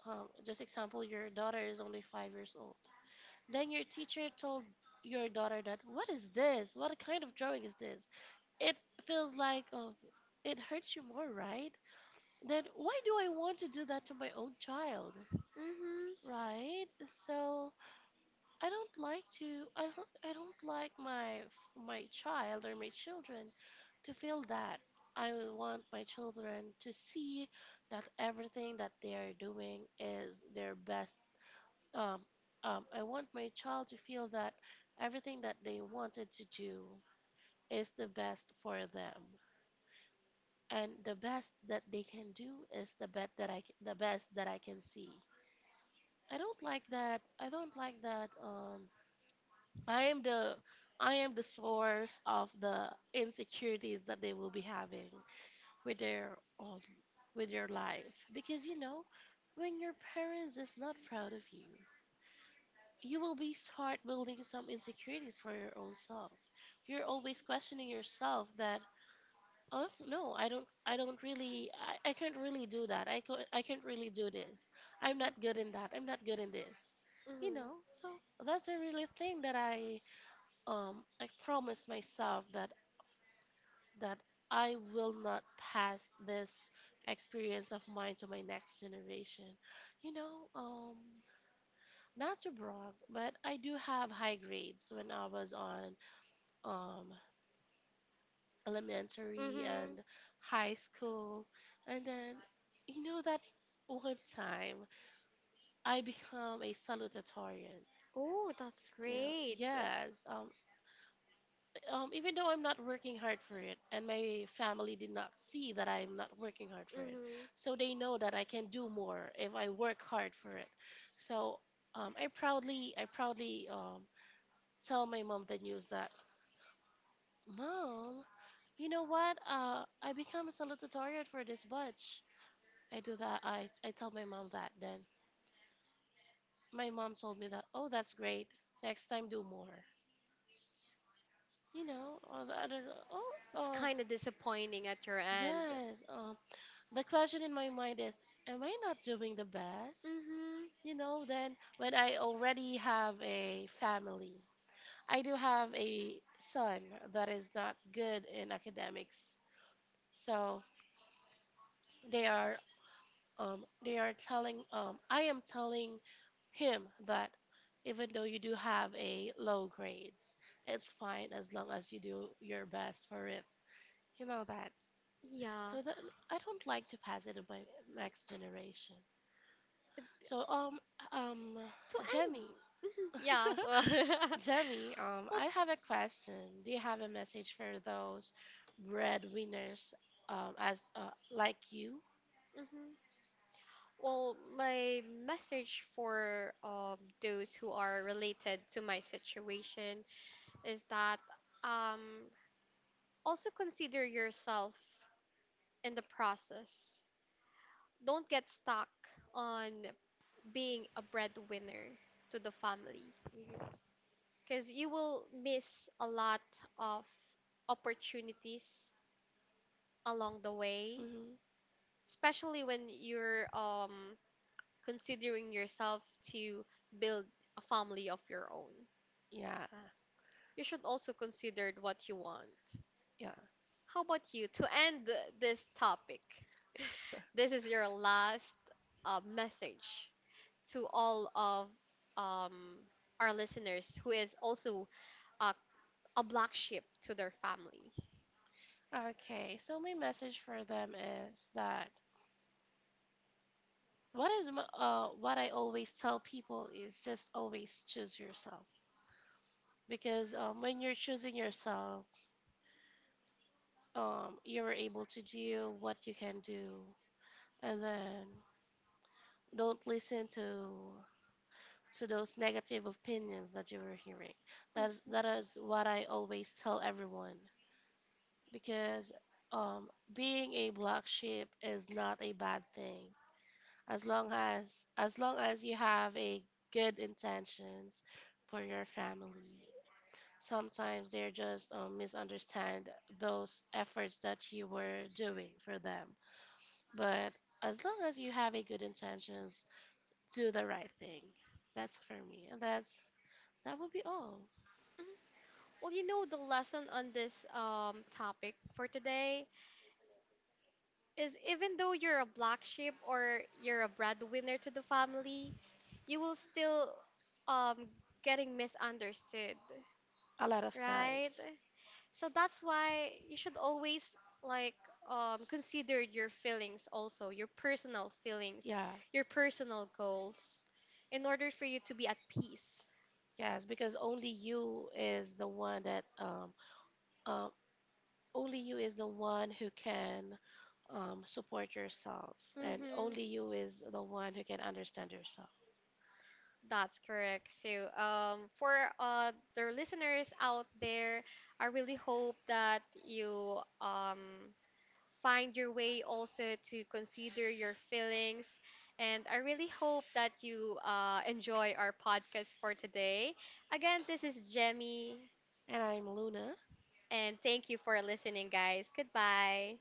S2: um, Just example, your daughter is only five years old, then your teacher told your daughter that what is this, what kind of drawing is this? It feels like, oh, it hurts you more, right? Then why do I want to do that to my own child,
S1: Mm-hmm.
S2: right? So I don't like to I don't, I don't like my my child or my children to feel that. I would want my children to see that everything that they are doing is their best. Um, um, I want my child to feel that everything that they wanted to do is the best for them, and the best that they can do is the bet that I c- the best that I can see. I don't like that. I don't like that. Um, I am the I am the source of the insecurities that they will be having with their um, with their life, because you know when your parents is not proud of you, you will be start building some insecurities for your own self. You're always questioning yourself that, oh no, i don't I don't really, i, I can't really do that, I, can't, I can't really do this. I'm not good in that, I'm not good in this, you
S1: Mm-hmm.
S2: know. So that's a really thing that i um, I promised myself that that I will not pass this experience of mine to my next generation. You know, um, not to brag, but I do have high grades when I was on um, elementary
S1: Mm-hmm.
S2: and high school, and then you know that one time I become a salutatorian.
S1: Oh, that's
S2: You know,
S1: great.
S2: yes, um, um, even though I'm not working hard for it, and my family did not see that I'm not working hard for it,
S1: Mm-hmm.
S2: so they know that I can do more if I work hard for it. So um, I proudly, I proudly um, tell my mom the news that, Mom, you know what? Uh, I become a salutatorian for this batch. I do that. I I tell my mom that. Then my mom told me that, Oh, that's great. Next time, do more. You know, all the other. Oh,
S1: It's
S2: uh,
S1: kind of disappointing at your end.
S2: yes. Um, the question in my mind is, am I not doing the best?
S1: Mhm.
S2: You know, then when I already have a family, I do have a son that is not good in academics. So they are um they are telling um I am telling him that, even though you do have a low grades, it's fine as long as you do your best for it, you know that.
S1: Yeah.
S2: So that I don't like to pass it on my next generation. So, um, um,
S1: So and
S2: Jemmy,
S1: mhm, yeah. So,
S2: Jemmy, um,
S1: well,
S2: I have a question. Do you have a message for those breadwinners, um, as uh, like you?
S1: mhm. Well, my message for um those who are related to my situation is that, um also consider yourself in the process. Don't get stuck on being a breadwinner to the family,
S2: Mhm.
S1: because you will miss a lot of opportunities along the way,
S2: Hmm.
S1: especially when you're um considering yourself to build a family of your own.
S2: Yeah,
S1: You should also consider what you want.
S2: yeah.
S1: How about you? To end this topic, this is your last uh, message to all of, um, our listeners who is also uh, a black sheep to their family.
S2: Okay, so my message for them is that what is m- uh what I always tell people is just always choose yourself, because um, when you're choosing yourself, um, you're able to do what you can do, and then don't listen to to those negative opinions that you were hearing. That that
S1: Mhm.
S2: is what I always tell everyone, because um, being a black sheep is not a bad thing as long as as long as you have a good intentions for your family. Sometimes they're just um, misunderstand those efforts that you were doing for them, but as long as you have a good intentions, do the right thing. That's for me. And that's that would be all.
S1: Mhm. Well, you know, the lesson on this, um, topic for today is even though you're a black sheep or you're a breadwinner to the family, you will still, um, getting misunderstood,
S2: A lot of
S1: right?
S2: times.
S1: So that's why you should always like, um, consider your feelings also, your personal feelings,
S2: Yeah.
S1: your personal goals, in order for you to be at peace.
S2: Yes, because only you is the one that um um only you is the one who can um support yourself, and only
S1: Mm-hmm.
S2: you is the one who can understand yourself.
S1: That's correct. So, um, for uh, the listeners out there, I really hope that you, um, find your way also to consider your feelings. And I really hope that you uh, enjoy our podcast for today. Again, this is Jemmy,
S2: And I'm Luna.
S1: and thank you for listening, guys. Goodbye.